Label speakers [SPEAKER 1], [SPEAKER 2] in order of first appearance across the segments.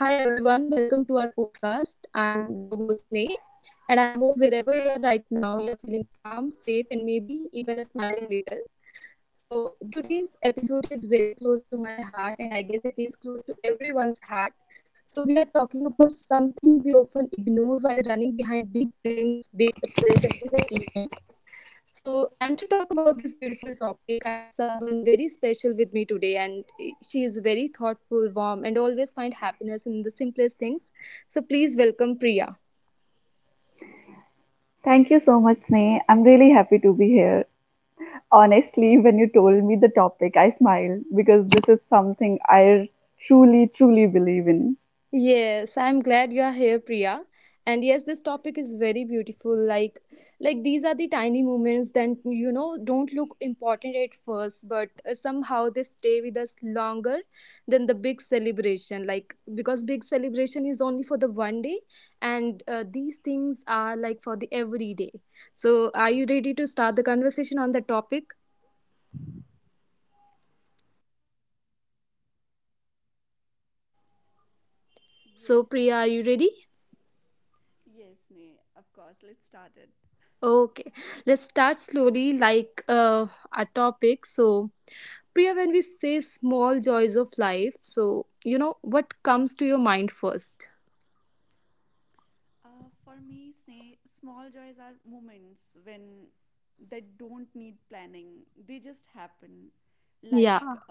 [SPEAKER 1] Hi everyone, welcome to our podcast. I'm your host Nay, and I hope wherever you are right now, you're feeling calm, safe, and maybe even a smiling little. Today's episode is very close to my heart, and I guess it is close to everyone's heart. We are talking about something we often ignore while running behind big dreams, big success, and big achievement, and to talk about this beautiful topic, I have someone very special with me today, and she is very thoughtful, warm, and always find happiness in the simplest things. So, please welcome Priya.
[SPEAKER 2] Thank you so much, Sneh. I'm really happy to be here. Honestly, when you told me the topic, I smiled because this is something I truly, truly believe in.
[SPEAKER 1] Yes, I'm glad you are here, Priya. And yes, this topic is very beautiful. Like, these are the tiny moments that don't look important at first, but somehow they stay with us longer than the big celebration. Like, because big celebration is only for the one day, and these things are like for the every day. So, are you ready to start the conversation on the topic? So, Priya, are you ready? Okay, let's start slowly, a topic. So, Priya, when we say small joys of life, so you know what comes to your mind first? Yeah.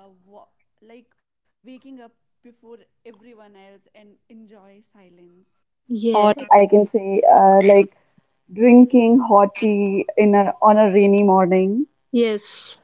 [SPEAKER 1] Yeah.
[SPEAKER 2] Drinking hot tea on a rainy morning.
[SPEAKER 1] Yes.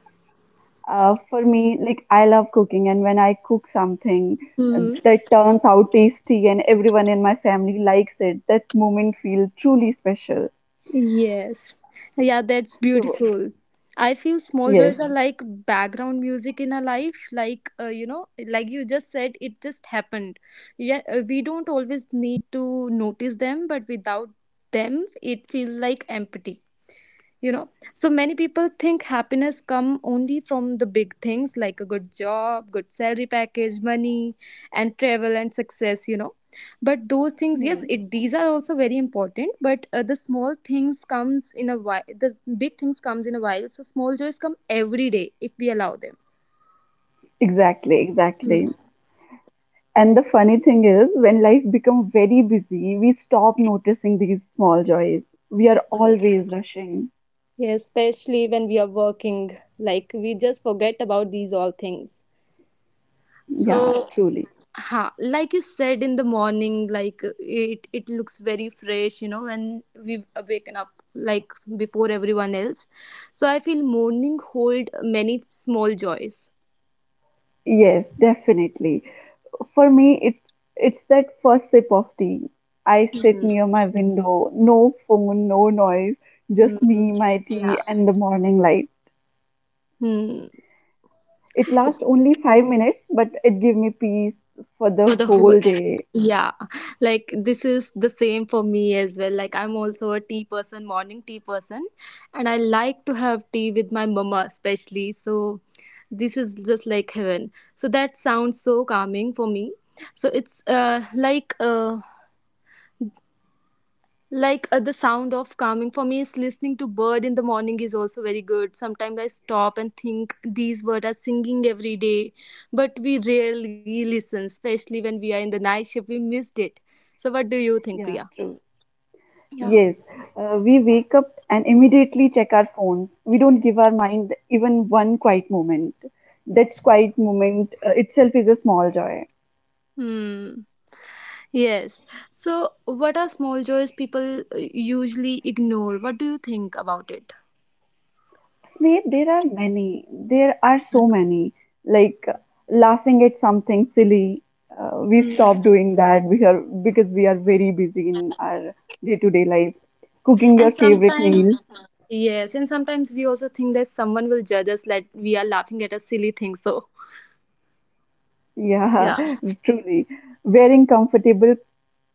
[SPEAKER 2] For me, like I love cooking, and when I cook something
[SPEAKER 1] Mm,
[SPEAKER 2] that turns out tasty and everyone in my family likes it, that moment feels truly special.
[SPEAKER 1] yes. Yeah, that's
[SPEAKER 2] So
[SPEAKER 1] beautiful. I feel small
[SPEAKER 2] yes,
[SPEAKER 1] joys are like background music in a life. Like you know, like you just said, it just happened. Yeah, we don't always need to notice them, but without them, it feels like empty. You know, so many people think happiness come only from the big things like a good job, good salary package, money, and travel and success, you know. But those things,
[SPEAKER 2] hmm,
[SPEAKER 1] yes it, these are also very important, but the small things comes in a while, the big things comes in a while, so small joys come every day if we allow them.
[SPEAKER 2] exactly,
[SPEAKER 1] Mm,
[SPEAKER 2] exactly. And the funny thing is, when life becomes very busy, we stop noticing these small joys. We are
[SPEAKER 1] yes.
[SPEAKER 2] always rushing.
[SPEAKER 1] Yes, especially when we are working, like we just forget about these all things. So,
[SPEAKER 2] Yeah, truly.
[SPEAKER 1] ha, like you said, in the morning, like it looks very fresh, you know, when we waken up, like before everyone else. So I feel morning hold many small joys.
[SPEAKER 2] Yes, definitely. For me, it's that first sip of tea. I sit
[SPEAKER 1] Hmm.
[SPEAKER 2] near my window, no phone, no noise,
[SPEAKER 1] Hmm.
[SPEAKER 2] just
[SPEAKER 1] Hmm.
[SPEAKER 2] me, my tea,
[SPEAKER 1] Yeah.
[SPEAKER 2] and the morning light.
[SPEAKER 1] Hmm.
[SPEAKER 2] It lasts only 5 minutes, but it gives me peace for the
[SPEAKER 1] For the whole,
[SPEAKER 2] whole day.
[SPEAKER 1] yeah, like this is the same for me as well. Like I'm also a tea person, morning tea person, and I like to have tea with my mama especially. So this is just like heaven, so that sounds so calming for me. So it's the sound of calming for me is listening to bird in the morning is also very good. Sometimes I stop and think these birds are singing every day, but we rarely listen, especially when we are in the night shift we missed it. So what do you think,
[SPEAKER 2] Yeah,
[SPEAKER 1] Priya?
[SPEAKER 2] true.
[SPEAKER 1] Yeah.
[SPEAKER 2] Yes, we wake up and immediately check our phones. We don't give our mind even one quiet moment. That quiet moment itself is a small joy.
[SPEAKER 1] Hmm. Yes. So what are small joys people usually ignore? What do you think about it?
[SPEAKER 2] Snape, there are many. There are so many. Like laughing at something silly, we stop
[SPEAKER 1] Hmm.
[SPEAKER 2] doing that. We are because we are very busy in our day-to-day life. Cooking your
[SPEAKER 1] And
[SPEAKER 2] favorite meal,
[SPEAKER 1] sometimes, yes, and sometimes we also think that someone will judge us like we are laughing at a silly thing. So,
[SPEAKER 2] yeah,
[SPEAKER 1] yeah.
[SPEAKER 2] truly. Wearing comfortable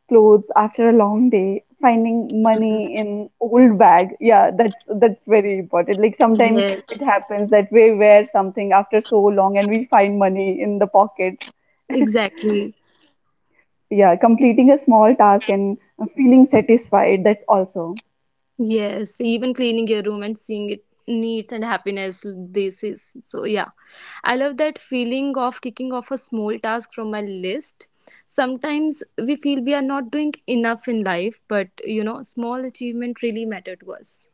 [SPEAKER 2] clothes after a long day. Finding money in old bag, yeah, that's very important. Like sometimes it
[SPEAKER 1] Yes.
[SPEAKER 2] happens that we wear something after so long and we find money in the pockets.
[SPEAKER 1] Exactly.
[SPEAKER 2] Yeah, completing a small task and feeling satisfied, that's also
[SPEAKER 1] Yes, even cleaning your room and seeing it neat and happiness, this is so, yeah. I love that feeling of kicking off a small task from my list. Sometimes we feel we are not doing enough in life, but you know, small achievement really matter to us.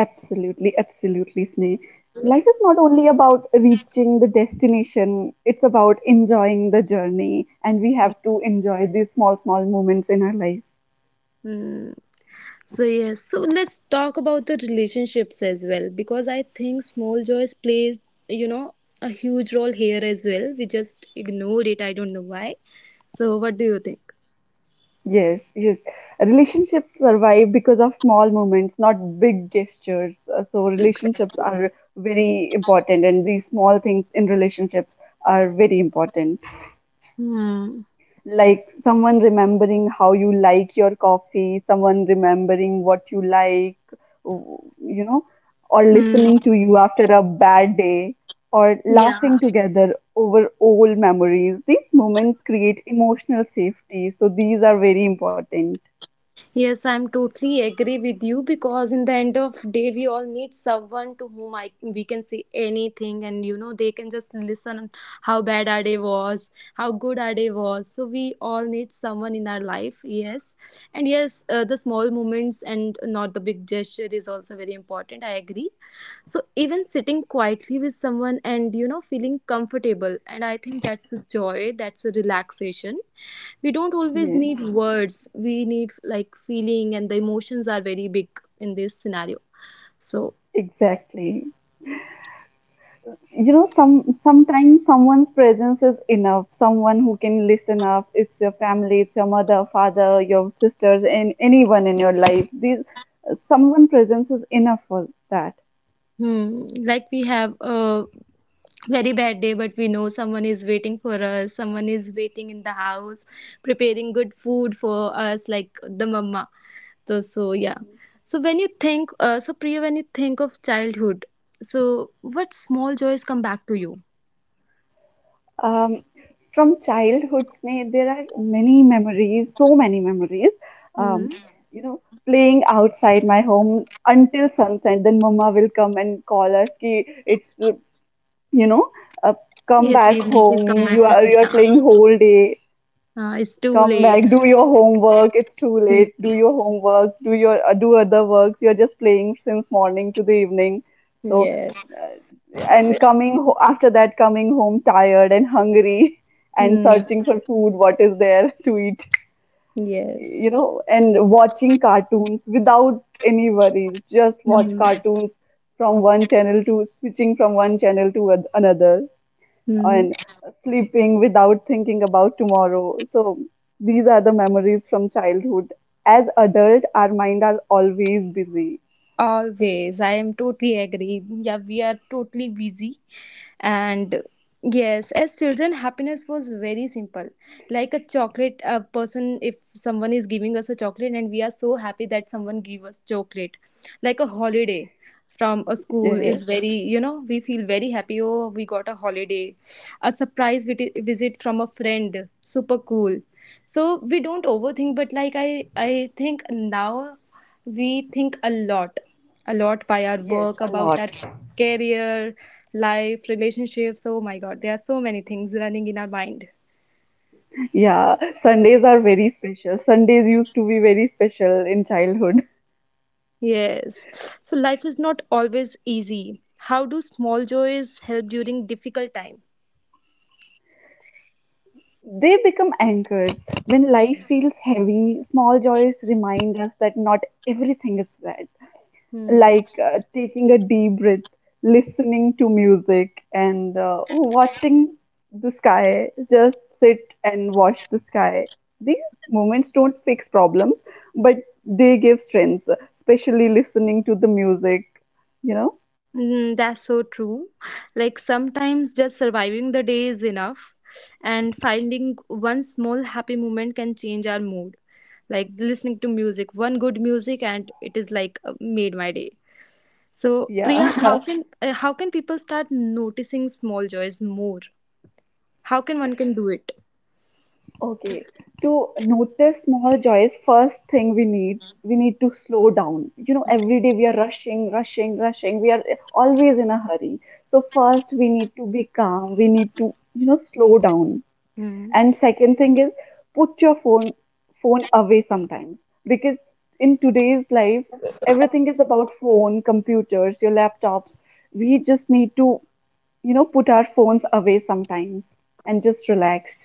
[SPEAKER 2] absolutely, absolutely, snake. Life is
[SPEAKER 1] Yes.
[SPEAKER 2] not only about reaching the destination, it's about enjoying the journey, and we have to enjoy these small, small moments in our life.
[SPEAKER 1] Hmm. So, yes, so let's talk about the relationships as well, because I think small joys plays, you know, a huge role here as well. We just ignored it. I don't know why. So, what do you think?
[SPEAKER 2] Yes, yes. Relationships survive because of small moments, not big gestures. So, relationships are very important, and these small things in relationships are very important.
[SPEAKER 1] Hmm.
[SPEAKER 2] Like someone remembering how you like your coffee, someone remembering what you like, you know, or listening
[SPEAKER 1] Hmm.
[SPEAKER 2] to you after a bad day, or
[SPEAKER 1] Yeah.
[SPEAKER 2] laughing together over old memories. These moments create emotional safety. So these are very important.
[SPEAKER 1] Yes, I'm totally agree with you, because in the end of day we all need someone to whom I we can say anything and you know they can just listen how bad our day was, how good our day was. So we all need someone in our life. Yes, and yes, the small moments and not the big gesture is also very important. I agree. So even sitting quietly with someone and you know feeling comfortable, and I think that's a joy, that's a relaxation. We don't always
[SPEAKER 2] Yes,
[SPEAKER 1] need words, we need like feeling, and the emotions are very big in this scenario. So,
[SPEAKER 2] exactly. Sometimes someone's presence is enough, someone who can listen up, it's your family, it's your mother, father, your sisters, and anyone in your life, these someone presence is enough for that.
[SPEAKER 1] hmm, like we have a very bad day, but we know someone is waiting for us, someone is waiting in the house preparing good food for us, like the mama. So, so yeah. So when you think, so Priya, when you think of childhood, so what small joys come back to you?
[SPEAKER 2] um, from childhood Sneh, there are many memories, so many memories.
[SPEAKER 1] Hmm.
[SPEAKER 2] um, you know Playing outside my home until sunset, then mama will come and call us ki, it's, you know uh, come
[SPEAKER 1] Yes,
[SPEAKER 2] back
[SPEAKER 1] evening, please
[SPEAKER 2] home,
[SPEAKER 1] come back
[SPEAKER 2] you are
[SPEAKER 1] home.
[SPEAKER 2] you are
[SPEAKER 1] Yeah,
[SPEAKER 2] playing whole day.
[SPEAKER 1] it's too
[SPEAKER 2] Come
[SPEAKER 1] late.
[SPEAKER 2] back, do your homework, it's too
[SPEAKER 1] Hmm.
[SPEAKER 2] late, do your homework, do your do other works, you're just playing since morning to the evening. so
[SPEAKER 1] Yes.
[SPEAKER 2] uh, and after that coming home tired and hungry and
[SPEAKER 1] Hmm.
[SPEAKER 2] searching for food, what is there to eat.
[SPEAKER 1] Yes.
[SPEAKER 2] And watching cartoons without any worries, just watch
[SPEAKER 1] Hmm.
[SPEAKER 2] cartoons, from one channel to switching from one channel to another,
[SPEAKER 1] Hmm.
[SPEAKER 2] and sleeping without thinking about tomorrow. So these are the memories from childhood. As adult, our mind are always busy.
[SPEAKER 1] Always, I am totally agree. Yeah, we are totally busy, and yes, as children happiness was very simple. Like a chocolate a person If someone is giving us a chocolate and we are so happy that someone give us chocolate. Like a holiday from a school is
[SPEAKER 2] Yes.
[SPEAKER 1] very, you know, we feel very happy, oh we got a holiday. A surprise visit from a friend, super cool. So we don't overthink, but like I think now we think a lot by our work, about our career, life, relationships, oh my god, there are so many things running in our mind.
[SPEAKER 2] Yeah, Sundays are very special. Sundays used to be very special in childhood.
[SPEAKER 1] Yes. So life is not always easy, how do small joys help during difficult time?
[SPEAKER 2] They become anchors. When life
[SPEAKER 1] Hmm.
[SPEAKER 2] feels heavy, small joys remind us that not everything is bad.
[SPEAKER 1] Hmm.
[SPEAKER 2] Like taking a deep breath, listening to music, and watching the sky. Just sit and watch the sky. These moments don't fix problems, but they give strength, especially listening to the music, you know?
[SPEAKER 1] Mm, that's so true. Like sometimes just surviving the day is enough, and finding one small happy moment can change our mood. Like listening to music, one good music, and it is like made my day. So Priya,
[SPEAKER 2] Yeah.
[SPEAKER 1] how can people start noticing small joys more? How can one can do it?
[SPEAKER 2] Okay, to notice small joys, first thing we need to slow down. You know, every day we are rushing, rushing, rushing. We are always in a hurry. So first we need to be calm. We need to, slow down.
[SPEAKER 1] Hmm.
[SPEAKER 2] And second thing is put your phone away sometimes, because in today's life everything is about phone, computers, your laptops. We just need to, put our phones away sometimes and just relax.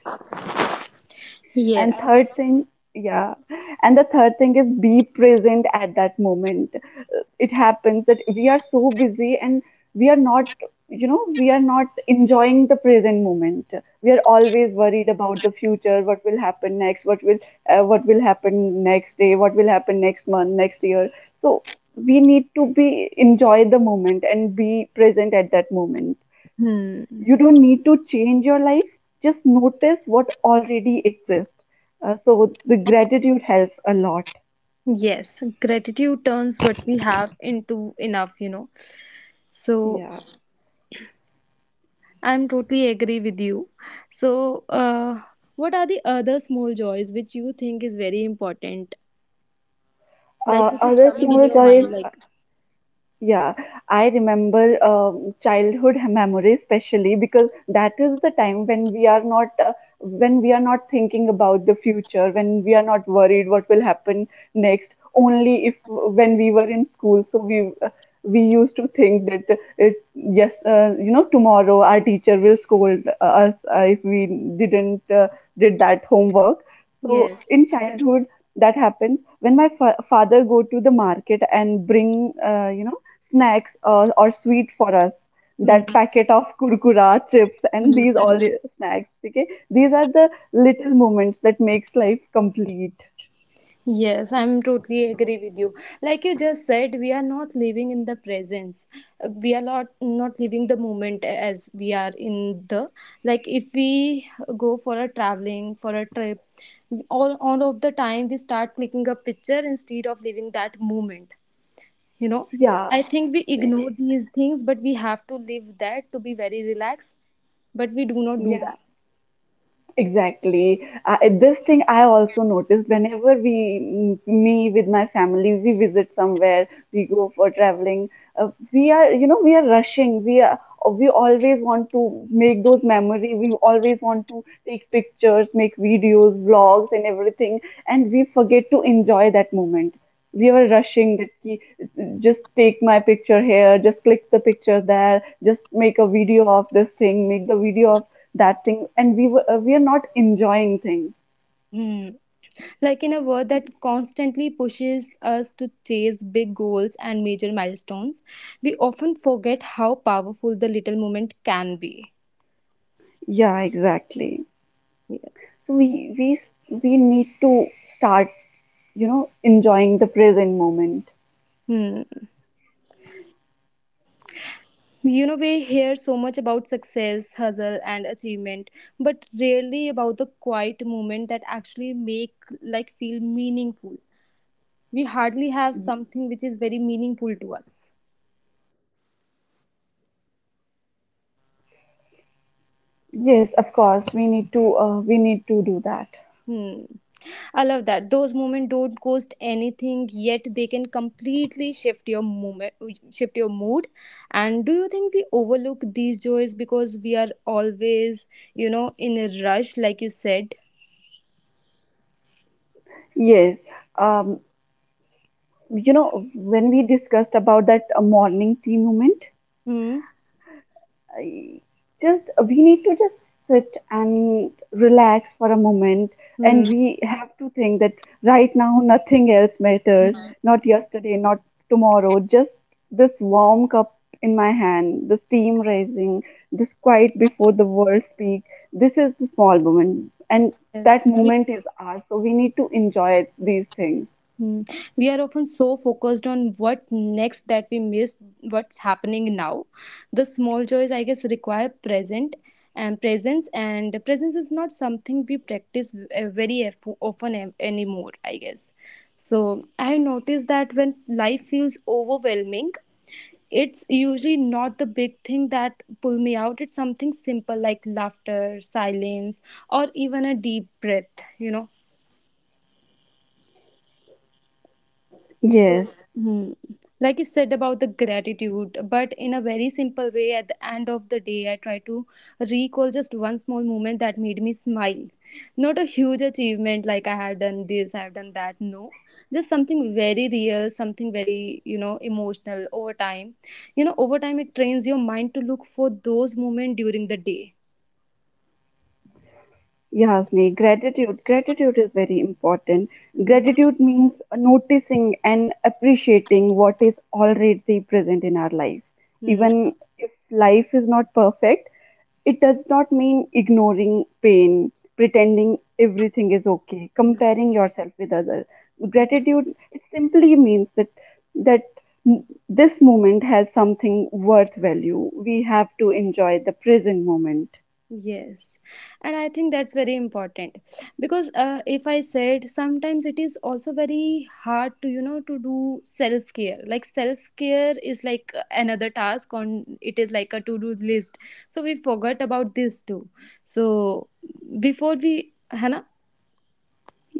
[SPEAKER 2] And
[SPEAKER 1] Yes.
[SPEAKER 2] third thing, yeah, and the third thing is be present at that moment. It happens that we are so busy and we are not, we are not enjoying the present moment. We are always worried about the future, what will happen next, what will happen next day, what will happen next month, next year. So we need to be enjoy the moment and be present at that moment.
[SPEAKER 1] Hmm.
[SPEAKER 2] You don't need to change your life, just notice what already exists. So the gratitude helps a lot.
[SPEAKER 1] Yes. Gratitude turns what we have into enough. You know. So
[SPEAKER 2] Yeah.
[SPEAKER 1] I'm totally agree with you. So, what are the other small joys which you think is very important? Like which is
[SPEAKER 2] Other
[SPEAKER 1] coming in
[SPEAKER 2] small
[SPEAKER 1] your
[SPEAKER 2] joys.
[SPEAKER 1] mind? Like,
[SPEAKER 2] Yeah, I remember childhood memory, especially because that is the time when we are not when we are not thinking about the future, when we are not worried what will happen next. Only if when we were in school, so we used to think that it just tomorrow our teacher will scold us if we didn't did that homework. So
[SPEAKER 1] yes.
[SPEAKER 2] in childhood, that happens when my father go to the market and bring snacks or sweet for us,
[SPEAKER 1] Hmm.
[SPEAKER 2] that packet of kurkura chips and
[SPEAKER 1] Hmm.
[SPEAKER 2] these all the snacks. Okay, these are the little moments that makes life complete.
[SPEAKER 1] Yes, I'm totally agree with you. Like you just said, we are not living in the presence. We are not living the moment as we are in the like. If we go for a traveling for a trip, all of the time we start clicking a picture instead of living that moment, you know.
[SPEAKER 2] Yeah,
[SPEAKER 1] I think we ignore these things, but we have to live that to be very relaxed, but we do not do
[SPEAKER 2] yeah.
[SPEAKER 1] that.
[SPEAKER 2] Exactly. This thing I also noticed whenever me with my family, we visit somewhere, we go for traveling. We are rushing. We always want to make those memories. We always want to take pictures, make videos, vlogs, and everything. And we forget to enjoy that moment. We are rushing that ki, just take my picture here, just click the picture there, just make a video of this thing, make the video of that thing, and we are not enjoying things.
[SPEAKER 1] Hmm. Like in a world that constantly pushes us to chase big goals and major milestones, we often forget how powerful the little moment can be.
[SPEAKER 2] Yeah, exactly.
[SPEAKER 1] Yes.
[SPEAKER 2] So we need to start enjoying the present moment.
[SPEAKER 1] Hmm. You know, we hear so much about success, hustle, and achievement, but rarely about the quiet moment that actually make like feel meaningful. We hardly have something which is very meaningful to us.
[SPEAKER 2] Yeah, yes, of course we need to do that.
[SPEAKER 1] Hmm. I love that. Those moments don't cost anything, yet they can completely shift your moment, shift your mood. And do you think we overlook these joys because we are always, you know, in a rush, like you said?
[SPEAKER 2] Yes. um you know, when we discussed about that morning tea moment,
[SPEAKER 1] Hmm.
[SPEAKER 2] I just we need to just sit and relax for a moment. And
[SPEAKER 1] Hmm.
[SPEAKER 2] we have to think that right now nothing else matters, not yesterday, not tomorrow, just this warm cup in my hand, the steam rising, this quiet before the world speak. This is the small moment, and that
[SPEAKER 1] Yes.
[SPEAKER 2] moment is ours. So we need to enjoy these things.
[SPEAKER 1] Hmm. We are often so focused on what next that we miss what's happening now. The small joys, I guess, require present and presence, and the presence is not something we practice very often anymore, I guess. So I noticed that when life feels overwhelming, it's usually not the big thing that pull me out. It's something simple like laughter, silence, or even a deep breath. You know. So,
[SPEAKER 2] Yes.
[SPEAKER 1] hmm, like you said about the gratitude, but in a very simple way, at the end of the day, I try to recall just one small moment that made me smile. Not a huge achievement like I have done this, I have done that. No, just something very real, something very, you know, emotional over time. You know, over time, it trains your mind to look for those moments during the day.
[SPEAKER 2] Yes, Yasni, gratitude. Gratitude is very important.
[SPEAKER 1] Hmm.
[SPEAKER 2] Gratitude means noticing and appreciating what is already present in our life.
[SPEAKER 1] Hmm.
[SPEAKER 2] Even if life is not perfect, it does not mean ignoring pain, pretending everything is okay,
[SPEAKER 1] Hmm.
[SPEAKER 2] comparing yourself with others. Gratitude it simply means that that this moment has something worth value. We have to enjoy the present moment.
[SPEAKER 1] Yes, and I think that's very important, because if I said sometimes it is also very hard to you know to do self care. Like self care is like another task on it is like a to do list. So we forgot about this too. So before we, Hannah.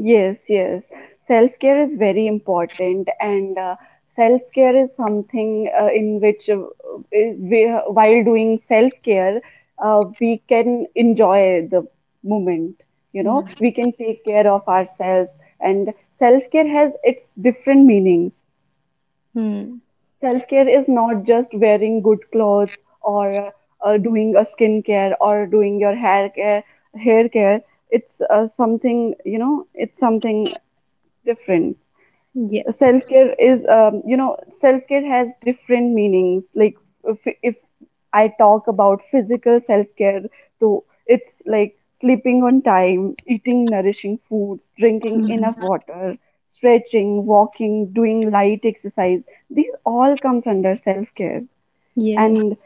[SPEAKER 2] Yes, yes. Self care is very important, and self care is something in which, we, while doing self care, we can enjoy the moment. You know,
[SPEAKER 1] Hmm.
[SPEAKER 2] we can take care of ourselves, and self care has its different meanings.
[SPEAKER 1] Hmm.
[SPEAKER 2] Self care is not just wearing good clothes or doing a skincare or doing your hair care. Hair care. It's something. It's something different.
[SPEAKER 1] Yes.
[SPEAKER 2] Self care is, you know, self care has different meanings. Like if I talk about physical self care, so it's like sleeping on time, eating nourishing foods, drinking enough
[SPEAKER 1] Mhm.
[SPEAKER 2] water, stretching, walking, doing light exercise. These all comes under self care,
[SPEAKER 1] Yes.
[SPEAKER 2] and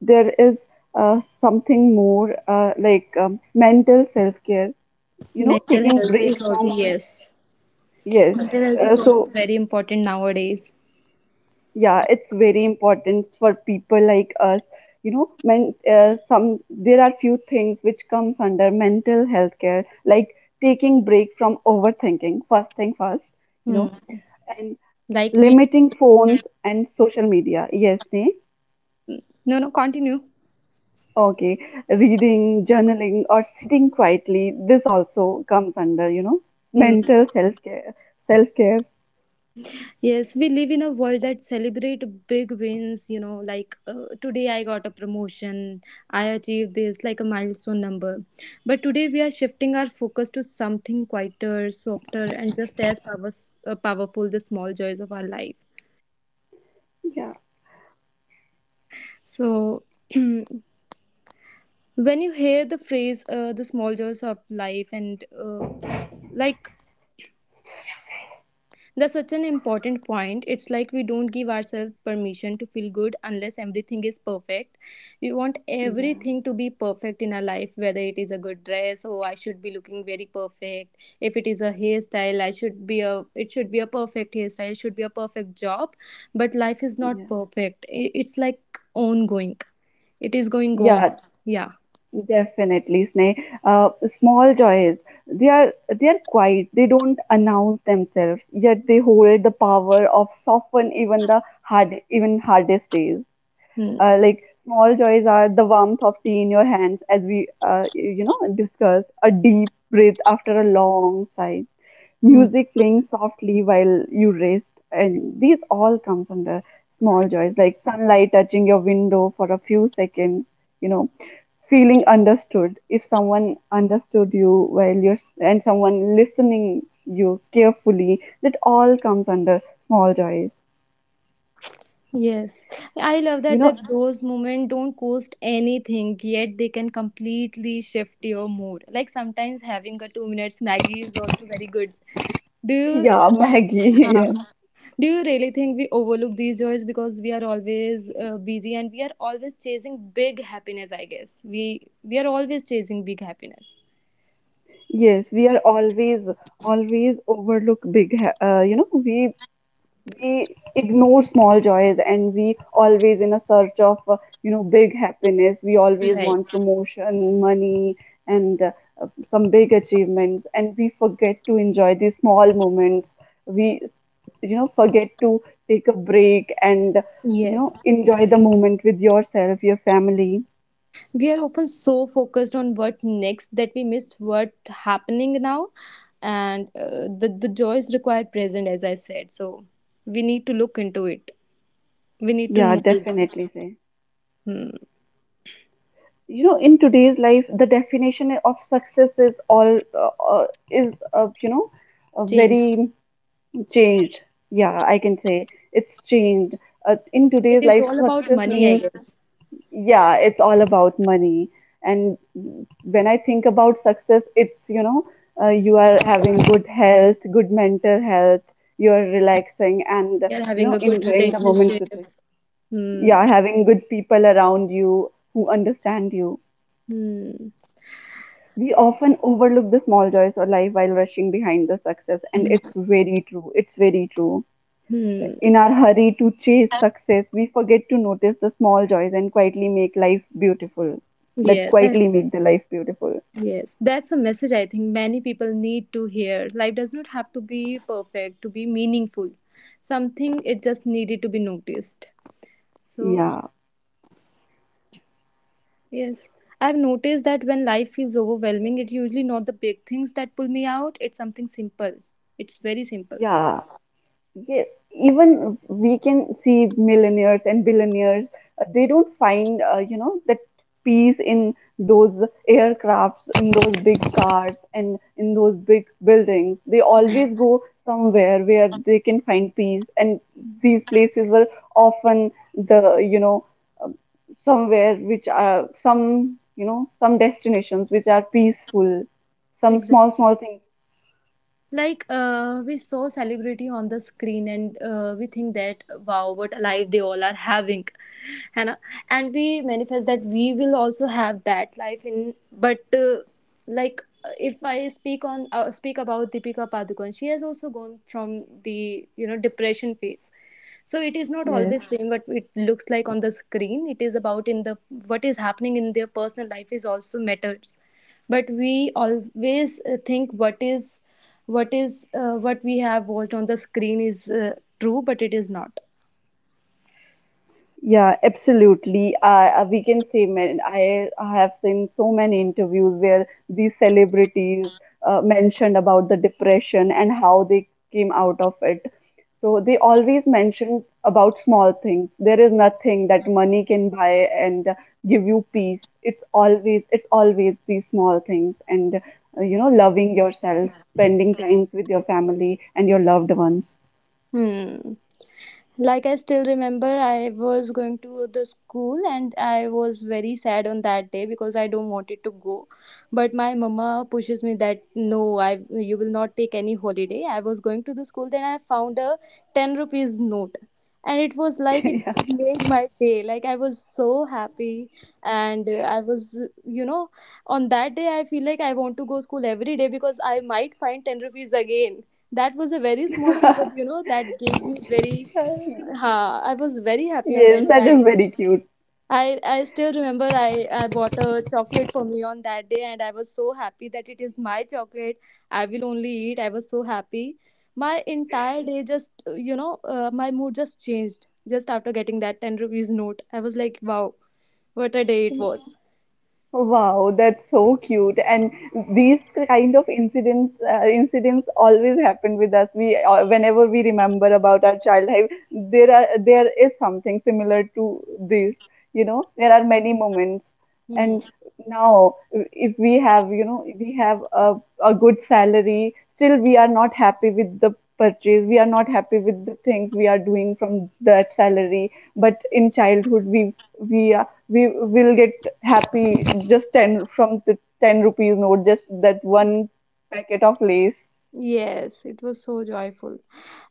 [SPEAKER 2] there is something more like mental self care. You know,
[SPEAKER 1] Mental
[SPEAKER 2] taking
[SPEAKER 1] health
[SPEAKER 2] break
[SPEAKER 1] is also,
[SPEAKER 2] from.
[SPEAKER 1] yes.
[SPEAKER 2] Yes.
[SPEAKER 1] Mental health
[SPEAKER 2] Uh,
[SPEAKER 1] is also
[SPEAKER 2] so
[SPEAKER 1] very important nowadays.
[SPEAKER 2] yeah, it's very important for people like us, you know, men, some there are few things which comes under mental health care, like taking break from overthinking, first thing first. You know,
[SPEAKER 1] Hmm.
[SPEAKER 2] and
[SPEAKER 1] Like we,
[SPEAKER 2] limiting phones and social media. Yes, ne.
[SPEAKER 1] no no, continue.
[SPEAKER 2] Okay, reading, journaling, or sitting quietly. This also comes under,
[SPEAKER 1] Hmm.
[SPEAKER 2] mental self care
[SPEAKER 1] Yes, we live in a world that celebrate big wins, you know, like today I got a promotion, I achieved this, like a milestone number. But today we are shifting our focus to something quieter, softer, and just as power, powerful, the small joys of our life.
[SPEAKER 2] Yeah,
[SPEAKER 1] So, when you hear the phrase the small joys of life and like that's such an important point. It's like we don't give ourselves permission to feel good unless everything is perfect. We want
[SPEAKER 2] yeah,
[SPEAKER 1] everything to be perfect in our life, whether it is a good dress. Oh, I should be looking very perfect. If it is a hairstyle, I should be a it should be a perfect hairstyle, it should be a perfect job. But life is not
[SPEAKER 2] yeah,
[SPEAKER 1] perfect. It's like ongoing. It is going on.
[SPEAKER 2] yeah.
[SPEAKER 1] Yeah.
[SPEAKER 2] Definitely, Sneh. Uh, Small joys. They are quiet. They don't announce themselves, yet they hold the power of soften even the hard even hardest days.
[SPEAKER 1] Hmm.
[SPEAKER 2] Like small joys are the warmth of tea in your hands, as we discussed. A deep breath after a long sigh, music playing softly while you rest, and these all comes under small joys. Like sunlight touching your window for a few seconds, you know feeling understood, if someone understood you while you're and someone listening you carefully, that all comes under small joys
[SPEAKER 1] Yes, I love
[SPEAKER 2] you
[SPEAKER 1] that
[SPEAKER 2] know
[SPEAKER 1] those moments don't cost anything, yet they can completely shift your mood. Like sometimes having a 2 minutes Maggie is also very good. Do you,
[SPEAKER 2] yeah, Maggie,
[SPEAKER 1] huh,
[SPEAKER 2] yes.
[SPEAKER 1] do you really think we overlook these joys because we are always busy and we are always chasing big happiness? I guess we are always chasing big happiness.
[SPEAKER 2] Yes, we are always, always overlook big ha- you know we ignore small joys, and we always in a search of big happiness. We always
[SPEAKER 1] Right.
[SPEAKER 2] want promotion, money, and some big achievements, and we forget to enjoy these small moments. We, forget to take a break and,
[SPEAKER 1] Yes.
[SPEAKER 2] enjoy the moment with yourself, your family.
[SPEAKER 1] We are often so focused on what next that we miss what happening now, and the joys require present as I said. So we need to look into it, we need to
[SPEAKER 2] Yeah,
[SPEAKER 1] notice.
[SPEAKER 2] definitely say,
[SPEAKER 1] Hmm,
[SPEAKER 2] in today's life, the definition of success is all is you know
[SPEAKER 1] change.
[SPEAKER 2] very changed. Yeah, I can say it's changed. In
[SPEAKER 1] It
[SPEAKER 2] today's
[SPEAKER 1] is
[SPEAKER 2] life,
[SPEAKER 1] all about
[SPEAKER 2] success
[SPEAKER 1] money, I
[SPEAKER 2] means,
[SPEAKER 1] guess.
[SPEAKER 2] yeah, it's all about money. And when I think about success, it's, you know, you are having good health, good mental health, you're relaxing, and,
[SPEAKER 1] We are
[SPEAKER 2] you
[SPEAKER 1] having
[SPEAKER 2] know,
[SPEAKER 1] a good
[SPEAKER 2] enjoying the moments
[SPEAKER 1] relationship.
[SPEAKER 2] with, like,
[SPEAKER 1] Hmm.
[SPEAKER 2] yeah, having good people around you who understand you.
[SPEAKER 1] Hmm.
[SPEAKER 2] We often overlook the small joys of life while rushing behind the success, and
[SPEAKER 1] Hmm.
[SPEAKER 2] it's very true. It's very true.
[SPEAKER 1] Hmm.
[SPEAKER 2] In our hurry to chase success, we forget to notice the small joys and quietly make life beautiful. That
[SPEAKER 1] Yeah, that,
[SPEAKER 2] quietly make the life beautiful.
[SPEAKER 1] yes, that's a message I think many people need to hear. Life does not have to be perfect to be meaningful. Something it just needed to be noticed. So
[SPEAKER 2] Yeah.
[SPEAKER 1] yes, I've noticed that when life feels overwhelming, it's usually not the big things that pull me out, it's something simple. It's very simple.
[SPEAKER 2] Yeah, yeah, even we can see millionaires and billionaires, they don't find, that peace in those aircrafts, in those big cars, and in those big buildings. They always
[SPEAKER 1] Mm.
[SPEAKER 2] go somewhere where they can find peace, and these places were often the, uh, somewhere which are some, you know, some destinations which are peaceful, some small,
[SPEAKER 1] Exactly.
[SPEAKER 2] small things.
[SPEAKER 1] Like we saw celebrity on the screen and we think that, wow, what a life they all are having. है ना, and we manifest that we will also have that life in. But like if I speak on speak about Deepika Padukone, she has also gone from the, you know, depression phase. So it is not
[SPEAKER 2] Yes.
[SPEAKER 1] always same what it looks like on the screen. It is about in the what is happening in their personal life is also matters. But we always think what is what is what we have watched on the screen is true, but it is not.
[SPEAKER 2] Yeah, absolutely. We can say, man, I have seen so many interviews where these celebrities mentioned about the depression and how they came out of it. So they always mention about small things. There is nothing that money can buy and give you peace. It's always these small things and, you know, loving yourself, spending times with your family and your loved ones.
[SPEAKER 1] Hmm. Like I still remember I was going to the school and I was very sad on that day because I don't wanted to go, but my mama pushes me that no, I you will not take any holiday. I was going to the school, then I found a 10 rupees note, and it was like it made my day. Like I was so happy, and I was, you know, on that day I feel like I want to go school every day because I might find 10 rupees again. That was a very small thing,
[SPEAKER 2] Yeah.
[SPEAKER 1] but you know, that gave me very ha, I was very happy on
[SPEAKER 2] Yes,
[SPEAKER 1] that day.
[SPEAKER 2] that is
[SPEAKER 1] I,
[SPEAKER 2] very cute.
[SPEAKER 1] I still remember I bought a chocolate for me on that day, and I was so happy that it is my chocolate. I will only eat. I was so happy. My entire day just you know my mood just changed just after getting that 10 rupees note. I was like, wow, what a day it was.
[SPEAKER 2] Wow, that's so cute. And these kind of incidents always happen with us. We, whenever we remember about our childhood, there is something similar to this. You know, there are many moments.
[SPEAKER 1] Hmm.
[SPEAKER 2] And now, if we have, you know, we have a good salary, still we are not happy with the purchase. We are not happy with the things we are doing from that salary. But in childhood, we we will get happy just 10, from the 10 rupees note, just that one packet of lace.
[SPEAKER 1] Yes, it was so joyful.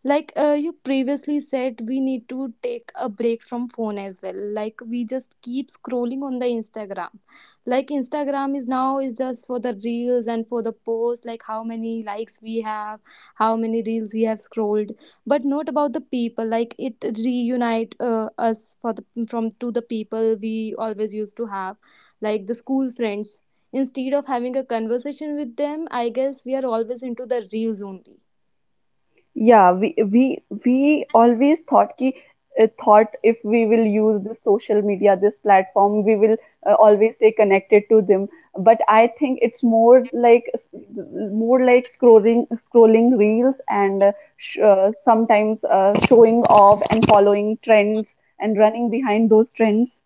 [SPEAKER 1] Like you previously said we need to take a break from phone as well. Like we just keep scrolling on the Instagram. Like Instagram is now is just for the reels and for the posts. Like how many likes we have, how many reels we have scrolled, but not about the people. Like it reunite us for the from to the people we always used to have, like the school friends. Instead of having a conversation with them, I guess we are always into the reels only.
[SPEAKER 2] Yeah, we we always thought ki, thought if we will use this social media, this platform, we will always stay connected to them, but I think it's more like, more like scrolling, scrolling reels, and, sometimes showing off and following trends, and running behind those trends.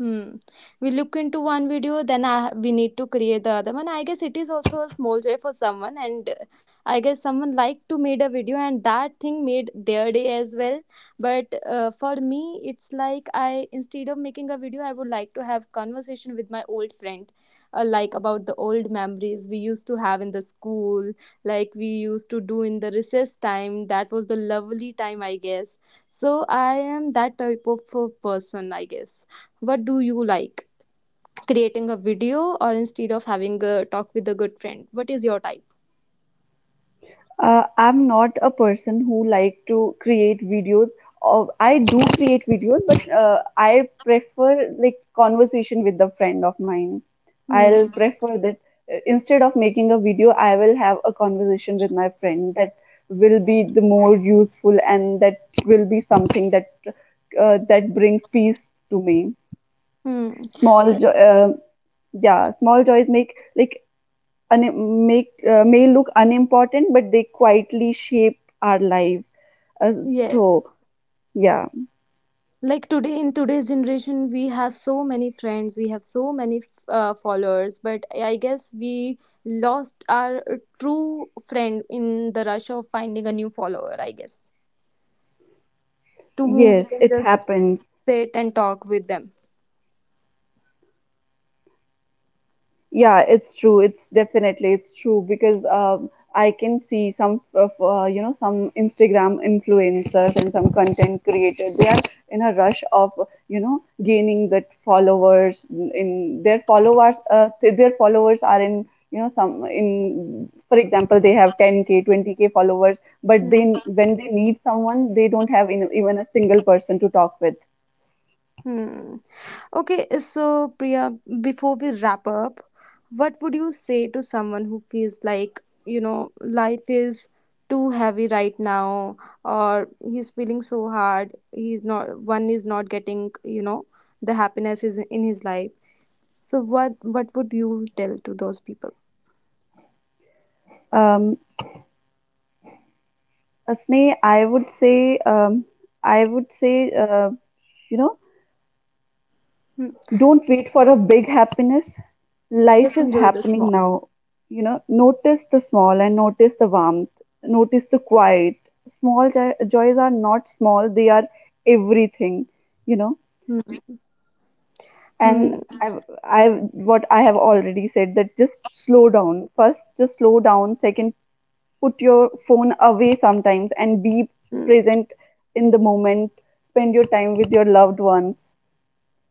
[SPEAKER 1] Hmm. We look into one video, then we need to create the other one. I guess it is also a small joy for someone, and I guess someone liked to made a video, and that thing made their day as well. But for me, it's like I instead of making a video, I would like to have conversation with my old friend, like about the old memories we used to have in the school, like we used to do in the recess time. That was the lovely time, I guess. So I am that type of person, I guess. What do you like, creating a video or instead of having a talk with a good friend? What is your type?
[SPEAKER 2] I'm not a person who like to create videos. Or I do create videos, but I prefer like conversation with a friend of mine. I'll
[SPEAKER 1] Hmm.
[SPEAKER 2] prefer that, instead of making a video, I will have a conversation with my friend. That will be the more useful, and that will be something that that brings peace to me.
[SPEAKER 1] Hmm.
[SPEAKER 2] Small, jo- uh, yeah, small joys make like, make, may look unimportant, but they quietly shape our life. Uh,
[SPEAKER 1] Yes,
[SPEAKER 2] so yeah,
[SPEAKER 1] like today in today's generation we have so many friends, we have so many followers, but I guess we lost our true friend in the rush of finding a new follower, I guess, to whom we
[SPEAKER 2] yes,
[SPEAKER 1] can
[SPEAKER 2] it
[SPEAKER 1] just
[SPEAKER 2] happens.
[SPEAKER 1] sit and talk with them.
[SPEAKER 2] Yeah, it's true. It's definitely it's true because, I can see some of, you know, some Instagram influencers and some content creators. They are in a rush of, you know, gaining that followers. In their followers are in, you know, some, in for example, they have 10K, 20K followers, but
[SPEAKER 1] Hmm.
[SPEAKER 2] then when they need someone, they don't have in, even a single person to talk with.
[SPEAKER 1] Hmm. Okay, so Priya, before we wrap up, what would you say to someone who feels like, you know, life is too heavy right now, or he's feeling so hard, he's not, one is not getting, you know, the happiness is in his life. So what would you tell to those people?
[SPEAKER 2] um Asne, I would say, you know
[SPEAKER 1] Hmm.
[SPEAKER 2] don't wait for a big happiness. Life
[SPEAKER 1] Just
[SPEAKER 2] is
[SPEAKER 1] enjoy the
[SPEAKER 2] happening
[SPEAKER 1] small.
[SPEAKER 2] now. You know, notice the small and notice the warmth, notice the quiet. Joys are not small, they are everything, you know.
[SPEAKER 1] Hmm. Hmm.
[SPEAKER 2] And i've I've what I have already said, that just slow down first, just slow down second, put your phone away sometimes, and be
[SPEAKER 1] Hmm.
[SPEAKER 2] present in the moment. Spend your time with your loved ones.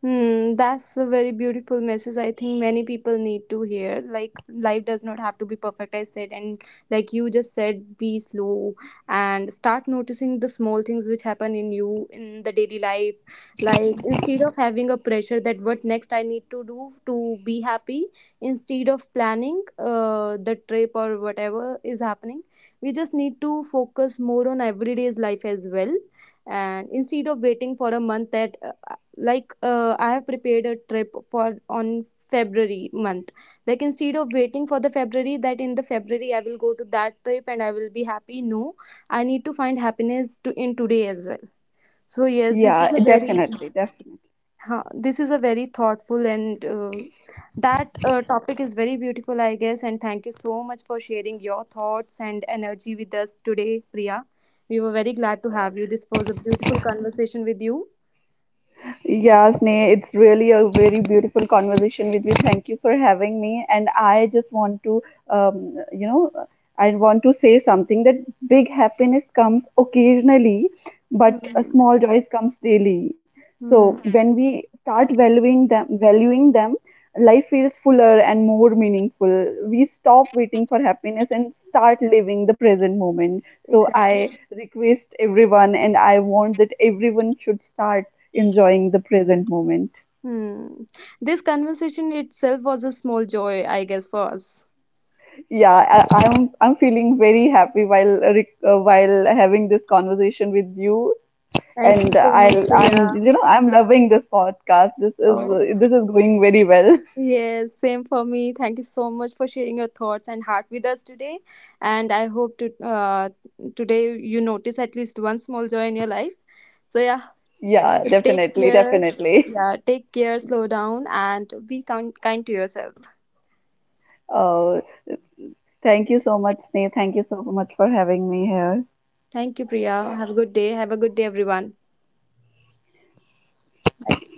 [SPEAKER 1] Hmm, that's a very beautiful message. I think many people need to hear. Like, life does not have to be perfect, I said. And, like you just said, be slow and start noticing the small things which happen in you in the daily life. Like, instead of having a pressure that what next I need to do to be happy, instead of planning the trip or whatever is happening, we just need to focus more on everyday's life as well. And instead of waiting for a month that like I have prepared a trip for on February month. Like instead of waiting for the February, that in the February I will go to that trip and I will be happy, no, I need to find happiness to in today as well. So yes, this
[SPEAKER 2] Yeah,
[SPEAKER 1] is a very
[SPEAKER 2] definitely, definitely.
[SPEAKER 1] this is a very thoughtful and that topic is very beautiful, I guess. And thank you so much for sharing your thoughts and energy with us today, Priya. We were very glad to have you. This was a beautiful conversation with you.
[SPEAKER 2] Yeah, Sneh, it's really a very beautiful conversation with you. Thank you for having me. And I just want to, um, you know, I want to say something, that big happiness comes occasionally, but a
[SPEAKER 1] Hmm.
[SPEAKER 2] small joys comes daily. So
[SPEAKER 1] Hmm,
[SPEAKER 2] when we start valuing them, life feels fuller and more meaningful. We stop waiting for happiness and start living the present moment. So
[SPEAKER 1] exactly.
[SPEAKER 2] I request everyone, and I want that everyone should start enjoying the present moment.
[SPEAKER 1] Hmm. This conversation itself was a small joy, I guess, for us.
[SPEAKER 2] Yeah, I'm feeling very happy while, while having this conversation with you,
[SPEAKER 1] Thank you
[SPEAKER 2] and
[SPEAKER 1] so much, Priya.
[SPEAKER 2] I'm you know I'm loving this podcast. This is,
[SPEAKER 1] Oh,
[SPEAKER 2] this is going very well.
[SPEAKER 1] yes, same for me. Thank you so much for sharing your thoughts and heart with us today. And I hope to today you notice at least one small joy in your life. So yeah,
[SPEAKER 2] Yeah,
[SPEAKER 1] take
[SPEAKER 2] definitely,
[SPEAKER 1] care.
[SPEAKER 2] definitely.
[SPEAKER 1] Yeah, take care. Slow down and be kind, kind to yourself.
[SPEAKER 2] Uh, Thank you so much, Sneh. Thank you so much for having me here.
[SPEAKER 1] Thank you, Priya. Have a good day. Have a good day, everyone. Bye.